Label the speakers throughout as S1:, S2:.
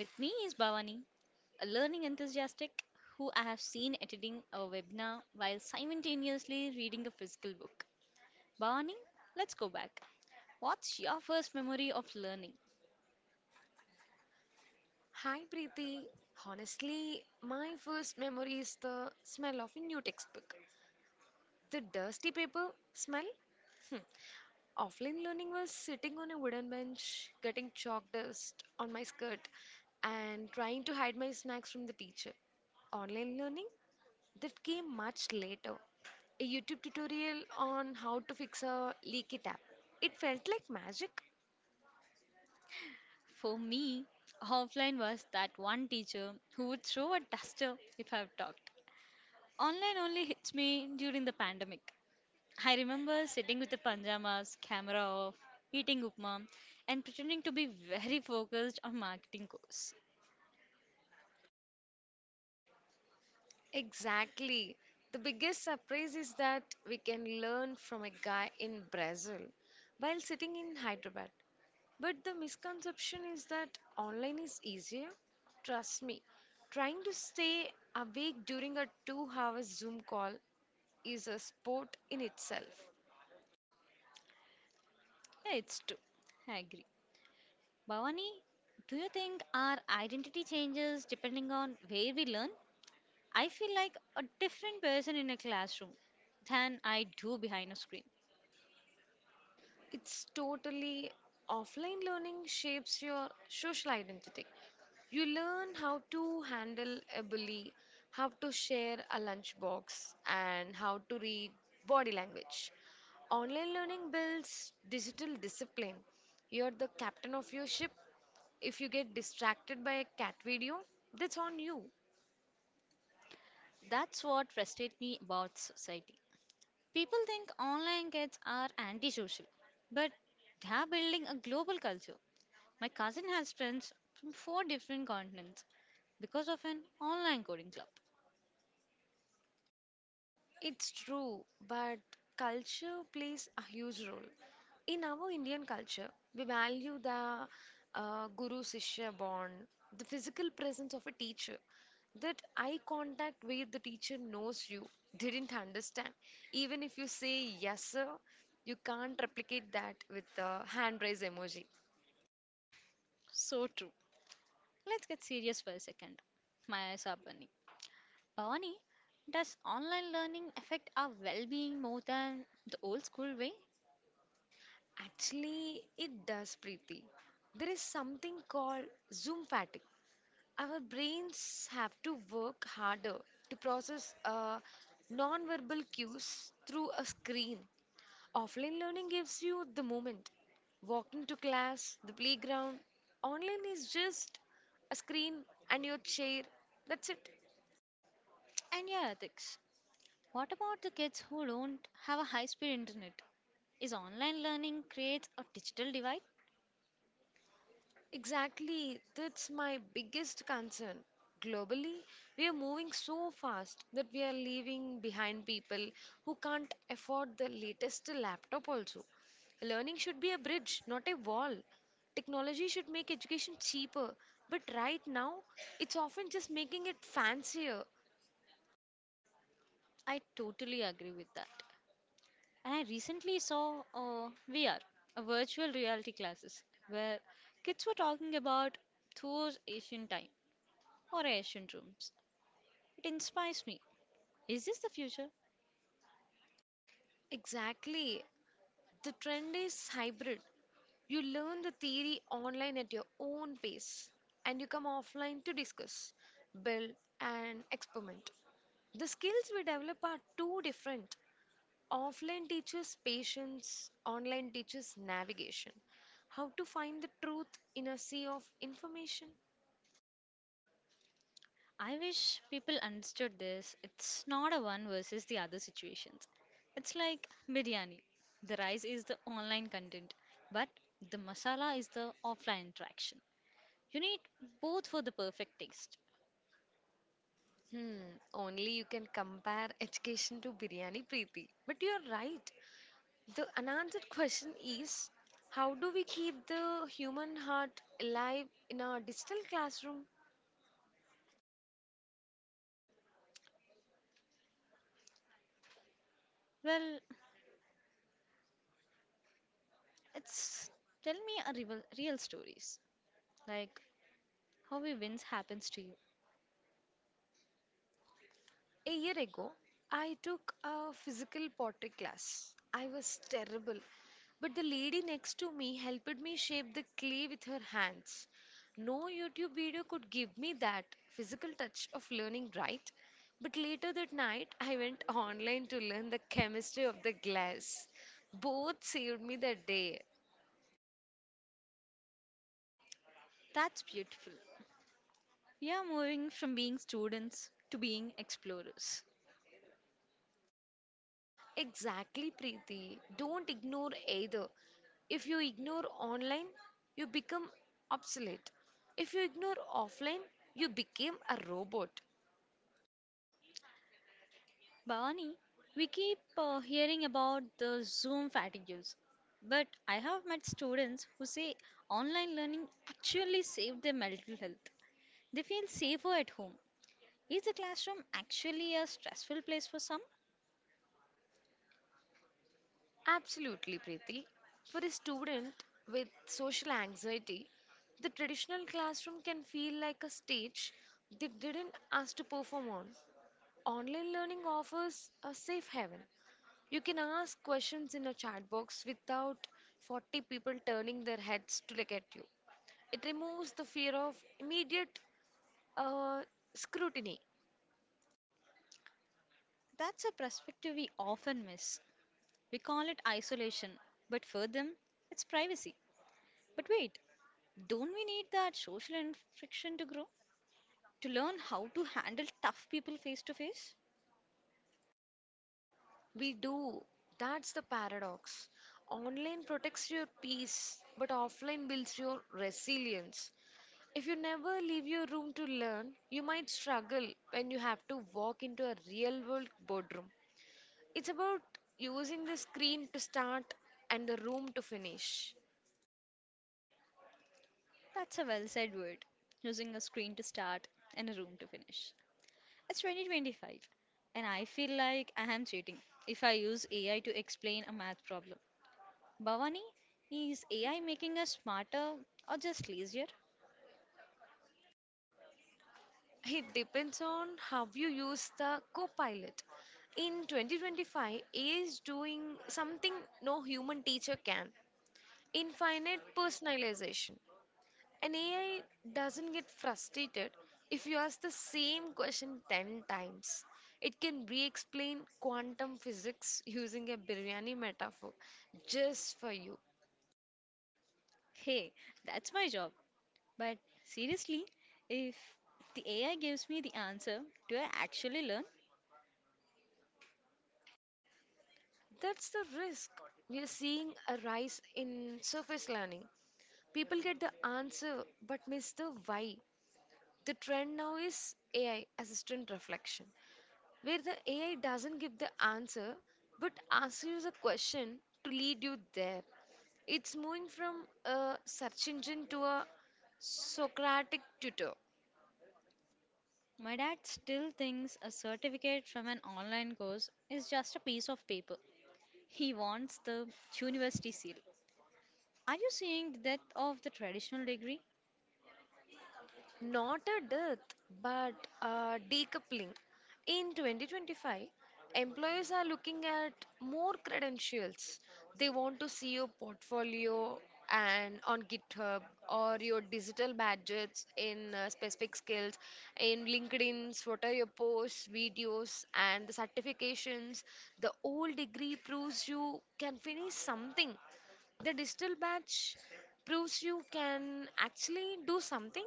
S1: With me is Bhavani, a learning enthusiastic who I have seen attending a webinar while simultaneously reading a physical book. Bhavani, let's go back. What's your first memory of learning?
S2: Hi Preeti. Honestly, my first memory is the smell of a new textbook. The dusty paper smell? Hmm. Offline learning was sitting on a wooden bench, getting chalk dust on my skirt, and trying to hide my snacks from the teacher. Online learning? That came much later. A YouTube tutorial on how to fix a leaky tap. It felt like magic.
S1: For me, offline was that one teacher who would throw a duster if I've talked. Online only hits me during the pandemic. I remember sitting with the pajamas, camera off, eating upma, and pretending to be very focused on marketing course.
S2: Exactly. The biggest surprise is that we can learn from a guy in Brazil while sitting in Hyderabad. But the misconception is that online is easier. Trust me, trying to stay awake during a 2 hour Zoom call is a sport in itself.
S1: Yeah, it's true. I agree. Bhavani, do you think our identity changes depending on where we learn? I feel like a different person in a classroom than I do behind a screen.
S2: It's totally offline learning shapes your social identity. You learn how to handle a bully, how to share a lunchbox, and how to read body language. Online learning builds digital discipline. You're the captain of your ship. If you get distracted by a cat video, that's on you.
S1: That's what frustrates me about society. People think online kids are antisocial, but they are building a global culture. My cousin has friends from four different continents because of an online coding club.
S2: It's true, but culture plays a huge role. In our Indian culture, we value the guru shishya bond, the physical presence of a teacher, that eye contact where the teacher knows you didn't understand. Even if you say yes, sir, you can't replicate that with the hand raise emoji.
S1: So true. Let's get serious for a second. My Sabani. Bhavani, does online learning affect our well being more than the old school way?
S2: Actually, it does, Preeti. There is something called Zoom fatigue. Our brains have to work harder to process verbal cues through a screen. Offline learning gives you the moment. Walking to class, the playground. Online is just a screen and your chair. That's it.
S1: And yeah, ethics. What about the kids who don't have a high speed internet? Is online learning creates a digital divide?
S2: Exactly, that's my biggest concern. Globally, we are moving so fast that we are leaving behind people who can't afford the latest laptop, also. Learning should be a bridge, not a wall. Technology should make education cheaper, but right now, it's often just making it fancier.
S1: I totally agree with that. And I recently saw VR, virtual reality classes, where kids were talking about those ancient time or ancient rooms. It inspires me. Is this the future?
S2: Exactly. The trend is hybrid. You learn the theory online at your own pace and you come offline to discuss, build, and experiment. The skills we develop are too different. Offline teaches patience, online teaches navigation. How to find the truth in a sea of information?
S1: I wish people understood this. It's not a one versus the other situations. It's like biryani. The rice is the online content, but the masala is the offline interaction. You need both for the perfect taste.
S2: Hmm, only you can compare education to biryani, Preeti. But you're right. The unanswered question is, how do we keep the human heart alive in our digital classroom?
S1: Well, it's tell me a real, real stories. Like How we wins happens to you.
S2: A year ago, I took a physical pottery class. I was terrible, but the lady next to me helped me shape the clay with her hands. No YouTube video could give me that physical touch of learning, right? But later that night, I went online to learn the chemistry of the glass. Both saved me that day.
S1: That's beautiful. We are moving from being students to being explorers.
S2: Exactly, Preeti. Don't ignore either. If you ignore online, you become obsolete. If you ignore offline, you became a robot.
S1: Bhavani, we keep hearing about the Zoom fatigues, but I have met students who say online learning actually saved their mental health. They feel safer at home. Is the classroom actually a stressful place for some?
S2: Absolutely, Preeti. For a student with social anxiety, the traditional classroom can feel like a stage they didn't ask to perform on. Online learning offers a safe haven. You can ask questions in a chat box without 40 people turning their heads to look at you. It removes the fear of immediate uh, scrutiny.
S1: That's a perspective we often miss. We call it isolation, but for them, it's privacy. But wait, don't we need that social interaction to grow? To learn how to handle tough people face to face?
S2: We do. That's the paradox. Online protects your peace, but offline builds your resilience. If you never leave your room to learn, you might struggle when you have to walk into a real world boardroom. It's about using the screen to start and the room to finish.
S1: That's a well said word. Using a screen to start and a room to finish. It's 2025, and I feel like I am cheating if I use AI to explain a math problem. Bhavani, is AI making us smarter or just lazier?
S2: It depends on how you use the Copilot. In 2025, AI is doing something no human teacher can: infinite personalization. An AI doesn't get frustrated if you ask the same question 10 times. It can re explain quantum physics using a biryani metaphor just for you.
S1: Hey, that's my job. But seriously, if the AI gives me the answer, do I actually learn?
S2: That's the risk. We are seeing a rise in surface learning. People get the answer but miss the why. The trend now is AI assistant reflection, where the AI doesn't give the answer but asks you the question to lead you there. It's moving from a search engine to a Socratic tutor.
S1: My dad still thinks a certificate from an online course is just a piece of paper. He wants the university seal. Are you seeing the death of the traditional degree?
S2: Not a death, but a decoupling. In 2025, employers are looking at more credentials. They want to see your portfolio and on GitHub or your digital badges in specific skills in LinkedIn's, what are your posts, videos, and the certifications. The old degree proves you can finish something. The digital badge proves you can actually do something.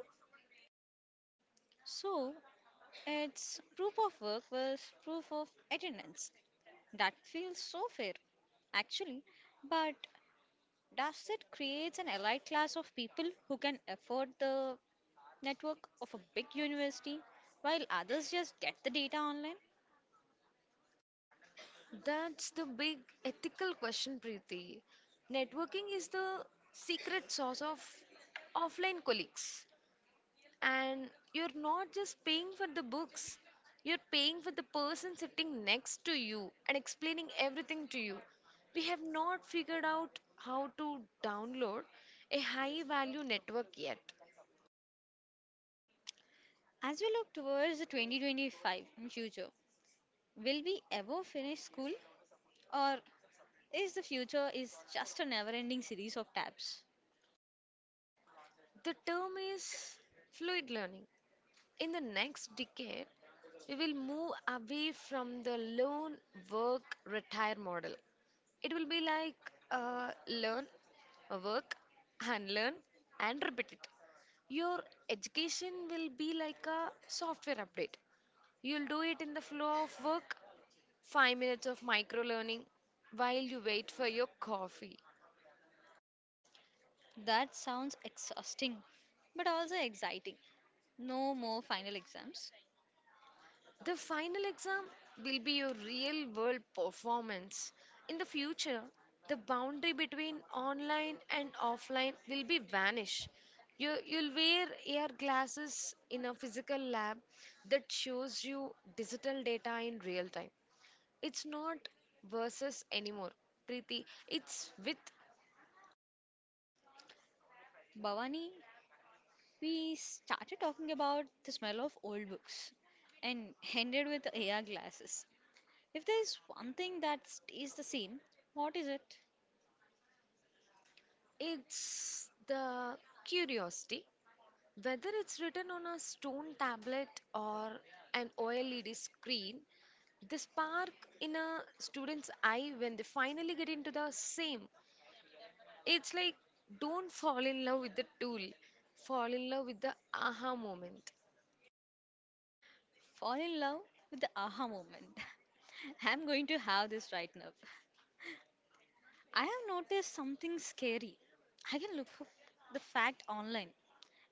S1: So, it's proof of work was proof of attendance. That feels so fair, actually. But does it create an elite class of people who can afford the network of a big university while others just get the data online?
S2: That's the big ethical question, Preeti. Networking is the secret sauce of offline colleagues. And you're not just paying for the books, you're paying for the person sitting next to you and explaining everything to you. We have not figured out how to download a high value network yet.
S1: As we look towards the 2025 future, will we ever finish school? Or is the future is just a never-ending series of tabs?
S2: The term is fluid learning. In the next decade, we will move away from the learn, work, retire model. It will be like learn, work, and learn, and repeat it. Your education will be like a software update. You'll do it in the flow of work, 5 minutes of micro learning while you wait for your coffee.
S1: That sounds exhausting, but also exciting. No more final exams.
S2: The final exam will be your real world performance. In the future, the boundary between online and offline will be vanished. You'll wear AR glasses in a physical lab that shows you digital data in real time. It's not versus anymore, Preeti. It's with,
S1: Bhavani, we started talking about the smell of old books and ended with AR glasses. If there is one thing that stays the same, what is it?
S2: it's the curiosity. Whether it's written on a stone tablet or an OLED screen, they spark in a student's eye when they finally get into the same. It's like, don't fall in love with the tool, fall in love with the aha moment.
S1: Fall in love with the aha moment. I'm going to have this right now. I have noticed something scary. I can look for the fact online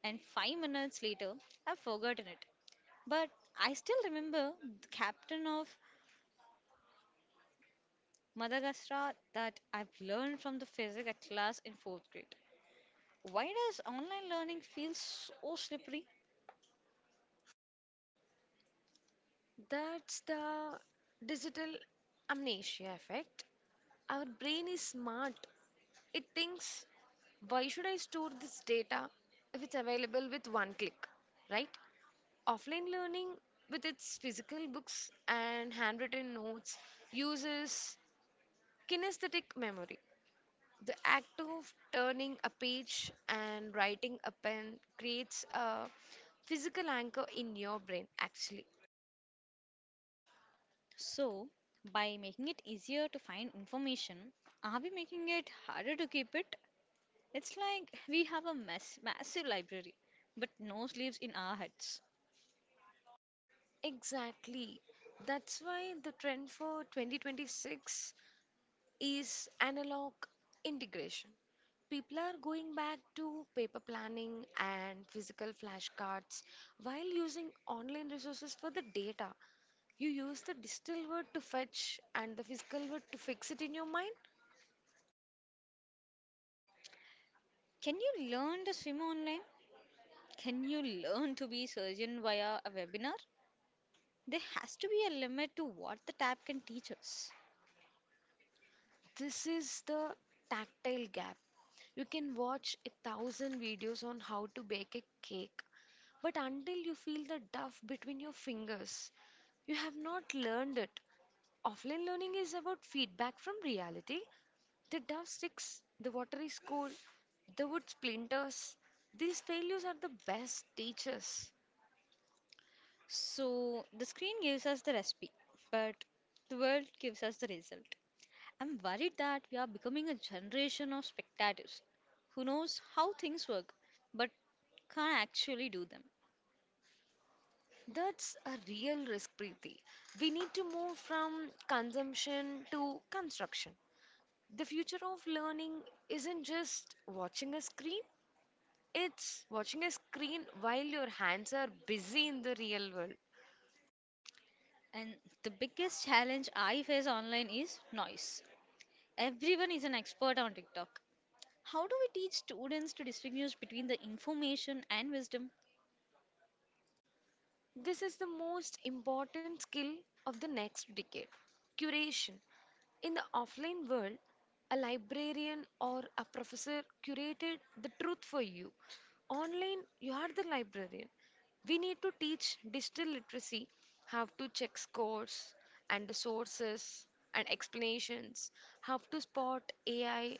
S1: and 5 minutes later I've forgotten it. But I still remember the captain of Madagascar that I've learned from the physics class in fourth grade. Why does online learning feel so slippery?
S2: That's the digital amnesia effect. Our brain is smart. It thinks, why should I store this data if it's available with one click, right? Offline learning, with its physical books and handwritten notes, uses kinesthetic memory. The act of turning a page and writing a pen creates a physical anchor in your brain, actually.
S1: So, by making it easier to find information, are we making it harder to keep it? It's like we have a mess, massive library, but no sleeves in our heads.
S2: Exactly. That's why the trend for 2026 is analog integration. People are going back to paper planning and physical flashcards while using online resources for the data. You use the digital word to fetch and the physical word to fix it in your mind.
S1: Can you learn to swim online? Can you learn to be surgeon via a webinar? There has to be a limit to what the tab can teach us.
S2: This is the tactile gap. You can watch a thousand videos on how to bake a cake, but until you feel the duff between your fingers, you have not learned it. Offline learning is about feedback from reality. The duff sticks, the water is cold, the wood splinters. These failures are the best teachers.
S1: So the screen gives us the recipe, but the world gives us the result. I'm worried that we are becoming a generation of spectators who knows how things work but can't actually do them.
S2: That's a real risk, Preeti. We need to move from consumption to construction. The future of learning isn't just watching a screen, it's watching a screen while your hands are busy in the real world.
S1: And the biggest challenge I face online is noise. Everyone is an expert on TikTok. How do we teach students to distinguish between the information and wisdom?
S2: This is the most important skill of the next decade: curation. In the offline world, a librarian or a professor curated the truth for you. Online, you are the librarian. We need to teach digital literacy, how to check scores and the sources and explanations, how to spot AI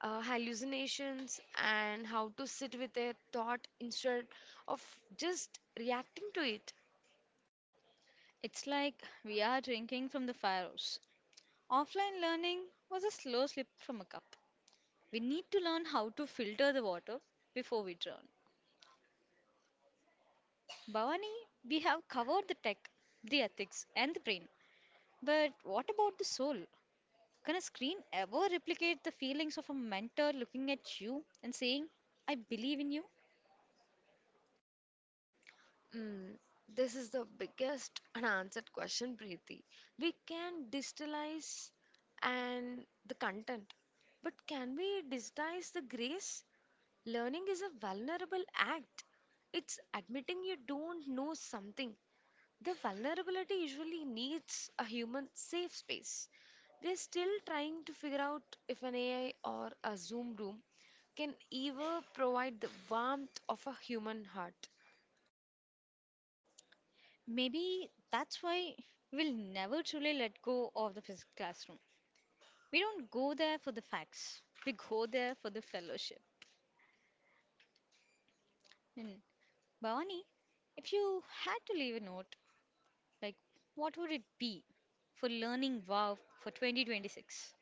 S2: hallucinations, and how to sit with a thought instead of just reacting to it.
S1: It's like we are drinking from the fire hose. Offline learning was a slow slip from a cup. We need to learn how to filter the water before we drown. Bhavani, we have covered the tech, the ethics, and the brain. But what about the soul? Can a screen ever replicate the feelings of a mentor looking at you and saying, I believe in you?
S2: Mm, this is the biggest unanswered question, Preeti. We can digitalize and the content, but can we digitize the grace? Learning is a vulnerable act. It's admitting you don't know something. The vulnerability usually needs a human safe space. We're still trying to figure out if an AI or a Zoom room can ever provide the warmth of a human heart.
S1: Maybe that's why we'll never truly let go of the physical classroom. We don't go there for the facts. We go there for the fellowship. And Bhavani, if you had to leave a note, like what would it be for learning wow for 2026?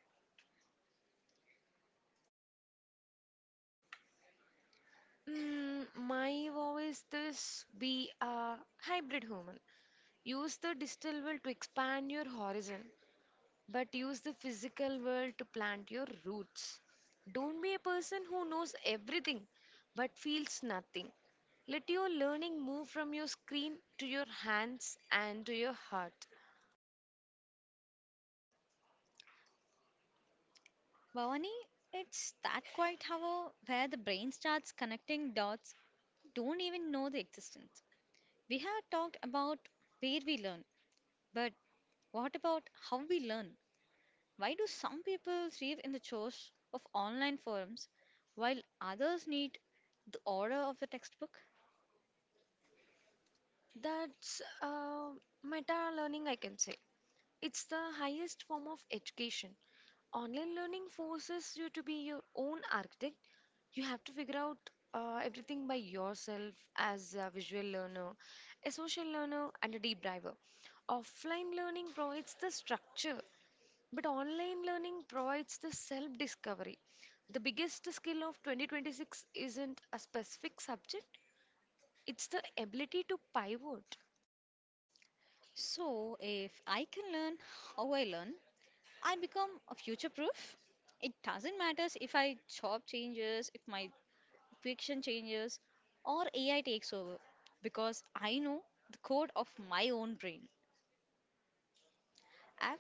S2: Mm, my vow is this: be a hybrid human. Use the digital world to expand your horizon, but use the physical world to plant your roots. Don't be a person who knows everything but feels nothing. Let your learning move from your screen to your hands and to your heart.
S1: Bhavani, it's that quiet hour where the brain starts connecting dots you don't even know the existence. We have talked about where we learn, but what about how we learn? Why do some people thrive in the chores of online forums while others need the order of the textbook?
S2: That's meta learning, I can say. It's the highest form of education. Online learning forces you to be your own architect. You have to figure out everything by yourself as a visual learner, a social learner, and a deep diver. Offline learning provides the structure, but online learning provides the self discovery. The biggest skill of 2026 isn't a specific subject, it's the ability to pivot.
S1: So, if I can learn how I learn, I become a future proof. It doesn't matter if I job changes, if my fiction changes, or AI takes over because I know the code of my own brain. I've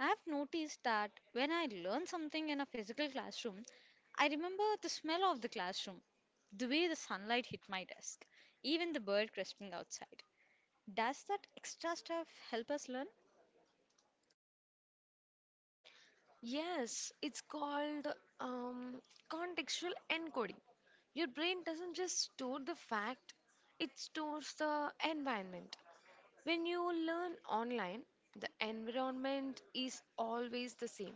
S1: I've noticed that when I learn something in a physical classroom, I remember the smell of the classroom, the way the sunlight hit my desk, even the bird crisping outside. Does that extra stuff help us learn?
S2: Yes, it's called um, contextual encoding. Your brain doesn't just store the fact, it stores the environment. When you learn online, the environment is always the same.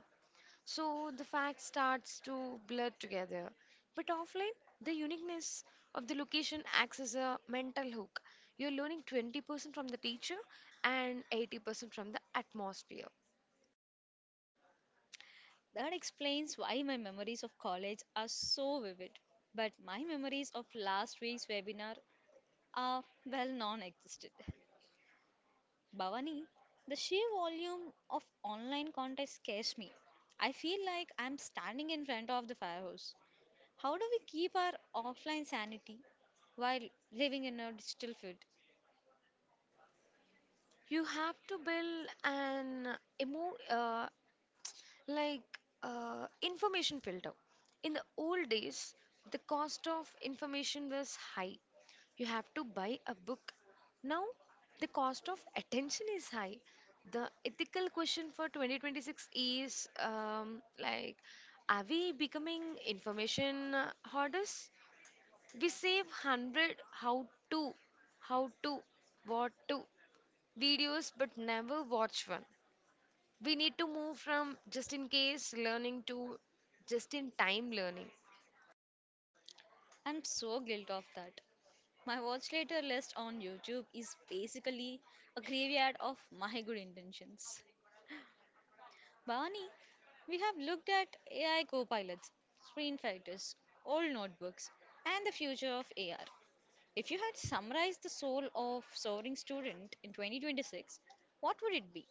S2: So the fact starts to blur together. But offline, the uniqueness of the location acts as a mental hook. You're learning 20% from the teacher and 80% from the atmosphere.
S1: That explains why my memories of college are so vivid, but my memories of last week's webinar are well non existent. Bhavani, the sheer volume of online content scares me. I feel like I'm standing in front of the fire hose. How do we keep our offline sanity while living in a digital field?
S2: You have to build an emo like information filter. In the old days, the cost of information was high. You have to buy a book. Now, the cost of attention is high. The ethical question for 2026 is, are we becoming information hoarders? We save 100 to, how to, what to videos but never watch one. We need to move from just in case learning to just in time learning.
S1: I'm so guilty of that. My watch later list on YouTube is basically a graveyard of my good intentions. Bhavani, we have looked at AI copilots, screen fighters, old notebooks, and the future of AR. If you had summarized the soul of soaring student in 2026, what would it be?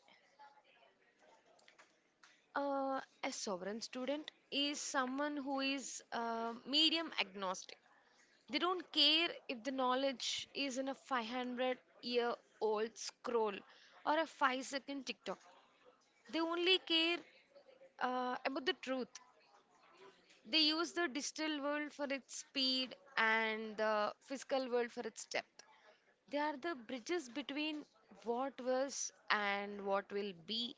S2: A sovereign student is someone who is medium agnostic. They don't care if the knowledge is in a 500-year-old scroll or a 5-second TikTok. They only care about the truth. They use the digital world for its speed and the physical world for its depth. They are the bridges between what was and what will be.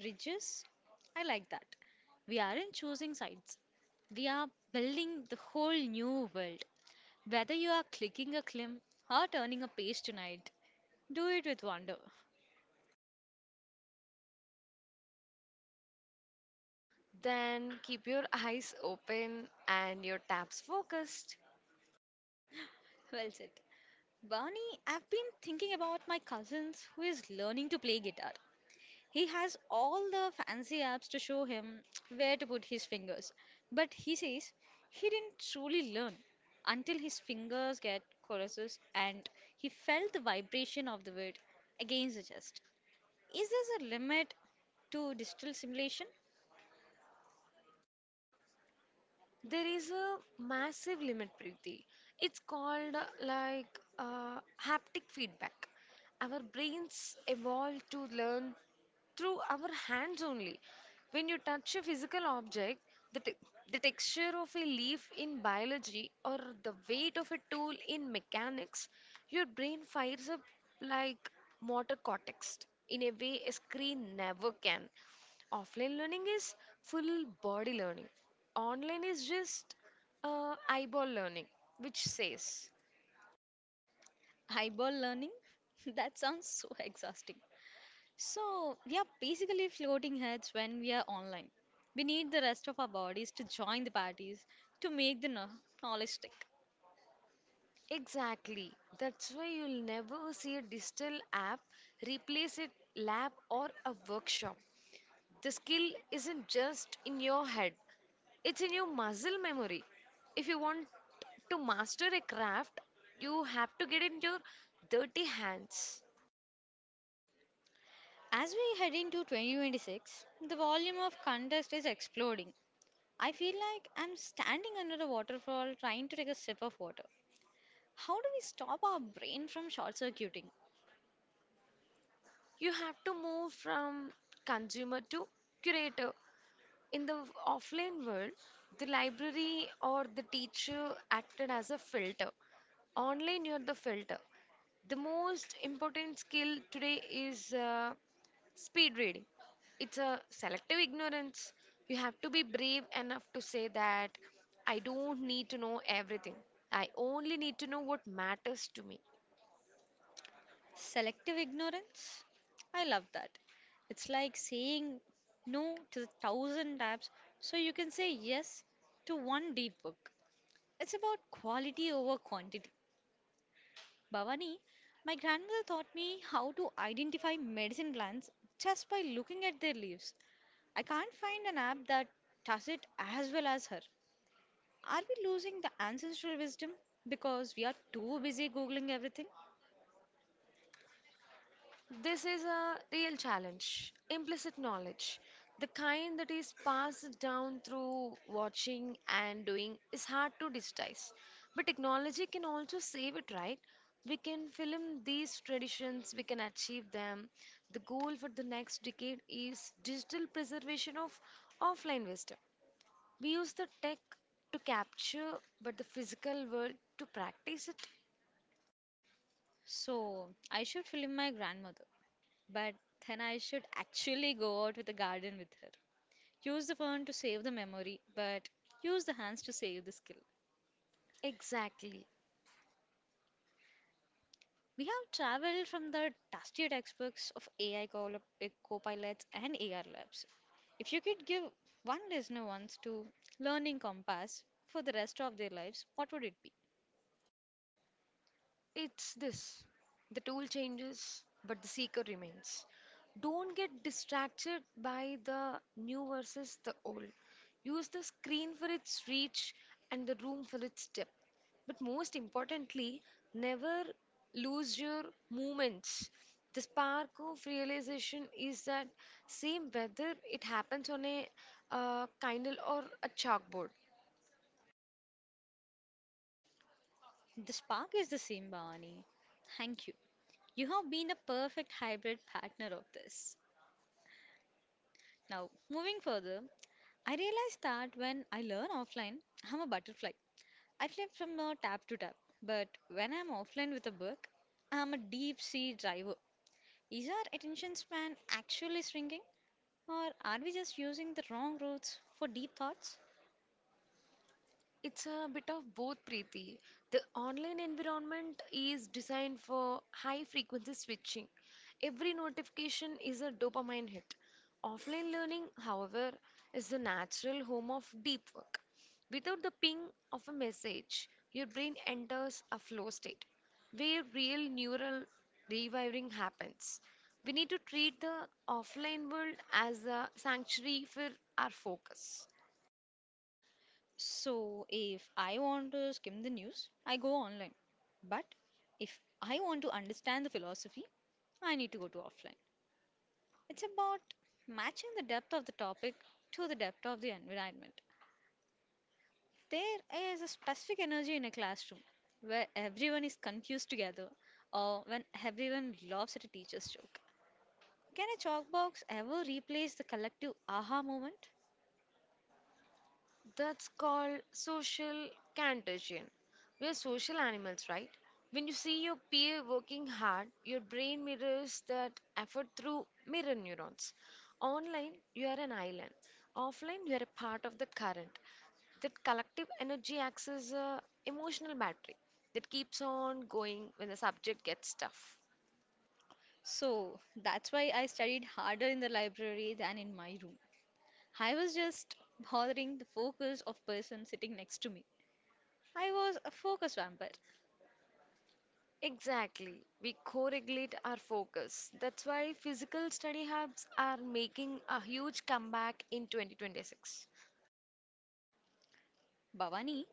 S1: Bridges. I like that. We aren't choosing sides, we are building the whole new world. Whether you are clicking a climb or turning a page tonight, do it with wonder.
S2: Then keep your eyes open and your taps focused.
S1: Well said. Barney, I've been thinking about my cousins who is learning to play guitar. He has all the fancy apps to show him where to put his fingers. But he says he didn't truly learn until his fingers get choruses and he felt the vibration of the word against the chest. Is there a limit to digital simulation?
S2: There is a massive limit, Preeti. It's called haptic feedback. Our brains evolved to learn through our hands only. When you touch a physical object, the, te- the texture of a leaf in biology or the weight of a tool in mechanics, your brain fires up like motor cortex in a way a screen never can. Offline learning is full body learning. Online is just eyeball learning, which says
S1: Eyeball learning? That sounds so exhausting. So, we are basically floating heads when we are online. We need the rest of our bodies to join the parties to make the knowledge stick.
S2: exactly. That's why you'll never see a digital app replace a lab or a workshop. The skill isn't just in your head, it's in your muscle memory. If you want to master a craft, you have to get in your dirty hands.
S1: As we head into 2026, the volume of contest is exploding. I feel like I'm standing under a waterfall trying to take a sip of water. How do we stop our brain from short circuiting?
S2: You have to move from consumer to curator. In the offline world, the library or the teacher acted as a filter. Online, you're the filter. The most important skill today is speed reading. It's a selective ignorance. You have to be brave enough to say that I don't need to know everything. I only need to know what matters to me.
S1: Selective ignorance? I love that. It's like saying no to the thousand tabs so you can say yes to one deep book. It's about quality over quantity. Bhavani, my grandmother taught me how to identify medicine plants just by looking at their leaves. I can't find an app that does it as well as her. Are we losing the ancestral wisdom because we are too busy Googling everything?
S2: This is a real challenge. Implicit knowledge, the kind that is passed down through watching and doing, is hard to digitize. But technology can also save it, right? We can film these traditions, we can achieve them. The goal for the next decade is digital preservation of offline wisdom. We use the tech to capture, but the physical world to practice it.
S1: So, I should film my grandmother, but then I should actually go out with a garden with her. Use the phone to save the memory, but use the hands to save the skill.
S2: Exactly.
S1: We have traveled from the dusty textbooks of co-pilots and AR labs. If you could give one listener once to learning compass for the rest of their lives, what would it be?
S2: It's this, the tool changes, but the seeker remains. Don't get distracted by the new versus the old. Use the screen for its reach and the room for its depth. But most importantly, never lose your moments. The spark of realization is that same whether it happens on a kindle or a chalkboard.
S1: The spark is the same, Bhavani. Thank you. You have been a perfect hybrid partner of this. Now, moving further, I realized that when I learn offline, I'm a butterfly. I flip from tab to tab. But when I'm offline with a book, I'm a deep sea diver. Is our attention span actually shrinking, or are we just using the wrong routes for deep thoughts?
S2: It's a bit of both, Preeti. The online environment is designed for high frequency switching. Every notification is a dopamine hit. Offline learning, however, is the natural home of deep work. Without the ping of a message, your brain enters a flow state where real neural rewiring happens. We need to treat the offline world as a sanctuary for our focus.
S1: So, if I want to skim the news, I go online. But if I want to understand the philosophy, I need to go to offline. It's about matching the depth of the topic to the depth of the environment. There is a specific energy in a classroom where everyone is confused together or when everyone laughs at a teacher's joke. Can a chalkbox ever replace the collective aha moment?
S2: That's called social contagion. We're social animals, right? When you see your peer working hard, your brain mirrors that effort through mirror neurons. Online, you are an island. Offline, you are a part of the current. That collective energy acts as a emotional battery that keeps on going when the subject gets tough.
S1: So that's why I studied harder in the library than in my room. I was just bothering the focus of person sitting next to me. I was a focus vampire.
S2: Exactly. We co-regulate our focus. That's why physical study hubs are making a huge comeback in 2026.
S1: Bhavani,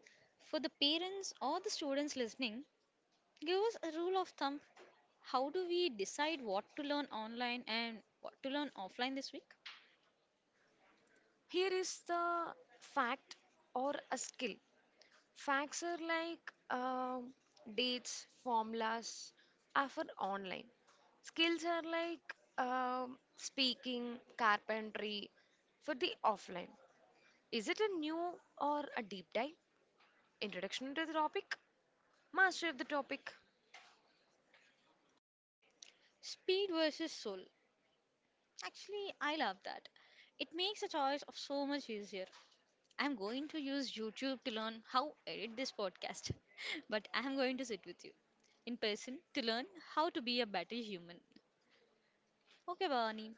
S1: for the parents or the students listening, give us a rule of thumb. How do we decide what to learn online and what to learn offline this week?
S2: Here is the fact or a skill. Facts are like um dates, formulas are for online. Skills are like speaking, carpentry for the offline. Is it a new or a deep dive? Introduction to the topic? Mastery of the topic?
S1: Speed versus soul. Actually, I love that. It makes the choice of so much easier. I'm going to use YouTube to learn how edit this podcast, but I'm going to sit with you in person to learn how to be a better human. Okay, Bhavani,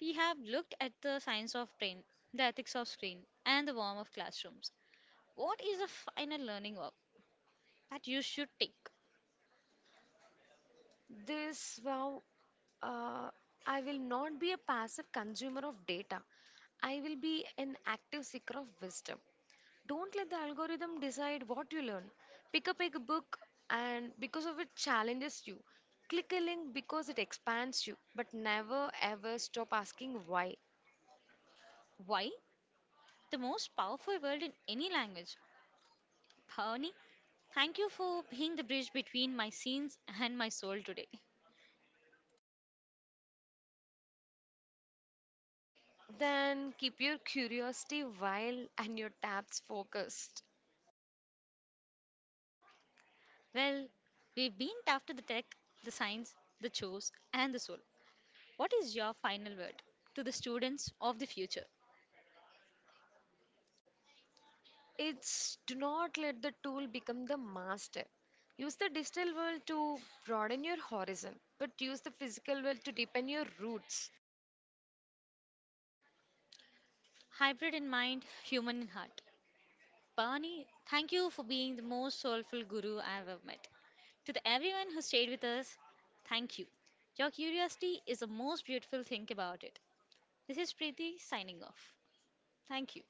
S1: we have looked at the science of brain, the ethics of screen, and the warmth of classrooms. What is the final learning of that you should take?
S2: This wow, uh, I will not be a passive consumer of data. I will be an active seeker of wisdom. Don't let the algorithm decide what you learn. Pick up a book and because of it challenges you. Click a link because it expands you, but never ever stop asking why.
S1: Why? The most powerful word in any language. Bhavani, thank you for being the bridge between my scenes and my soul today.
S2: Then keep your curiosity wild and your tabs focused.
S1: Well, we've been after the tech, the science, the chores, and the soul. What is your final word to the students of the future?
S2: It's do not let the tool become the master. Use the digital world to broaden your horizon, but use the physical world to deepen your roots.
S1: Hybrid in mind, human in heart. Barney, thank you for being the most soulful guru I've ever met. To the everyone who stayed with us, thank you. Your curiosity is the most beautiful thing about it. This is Preeti signing off. Thank you.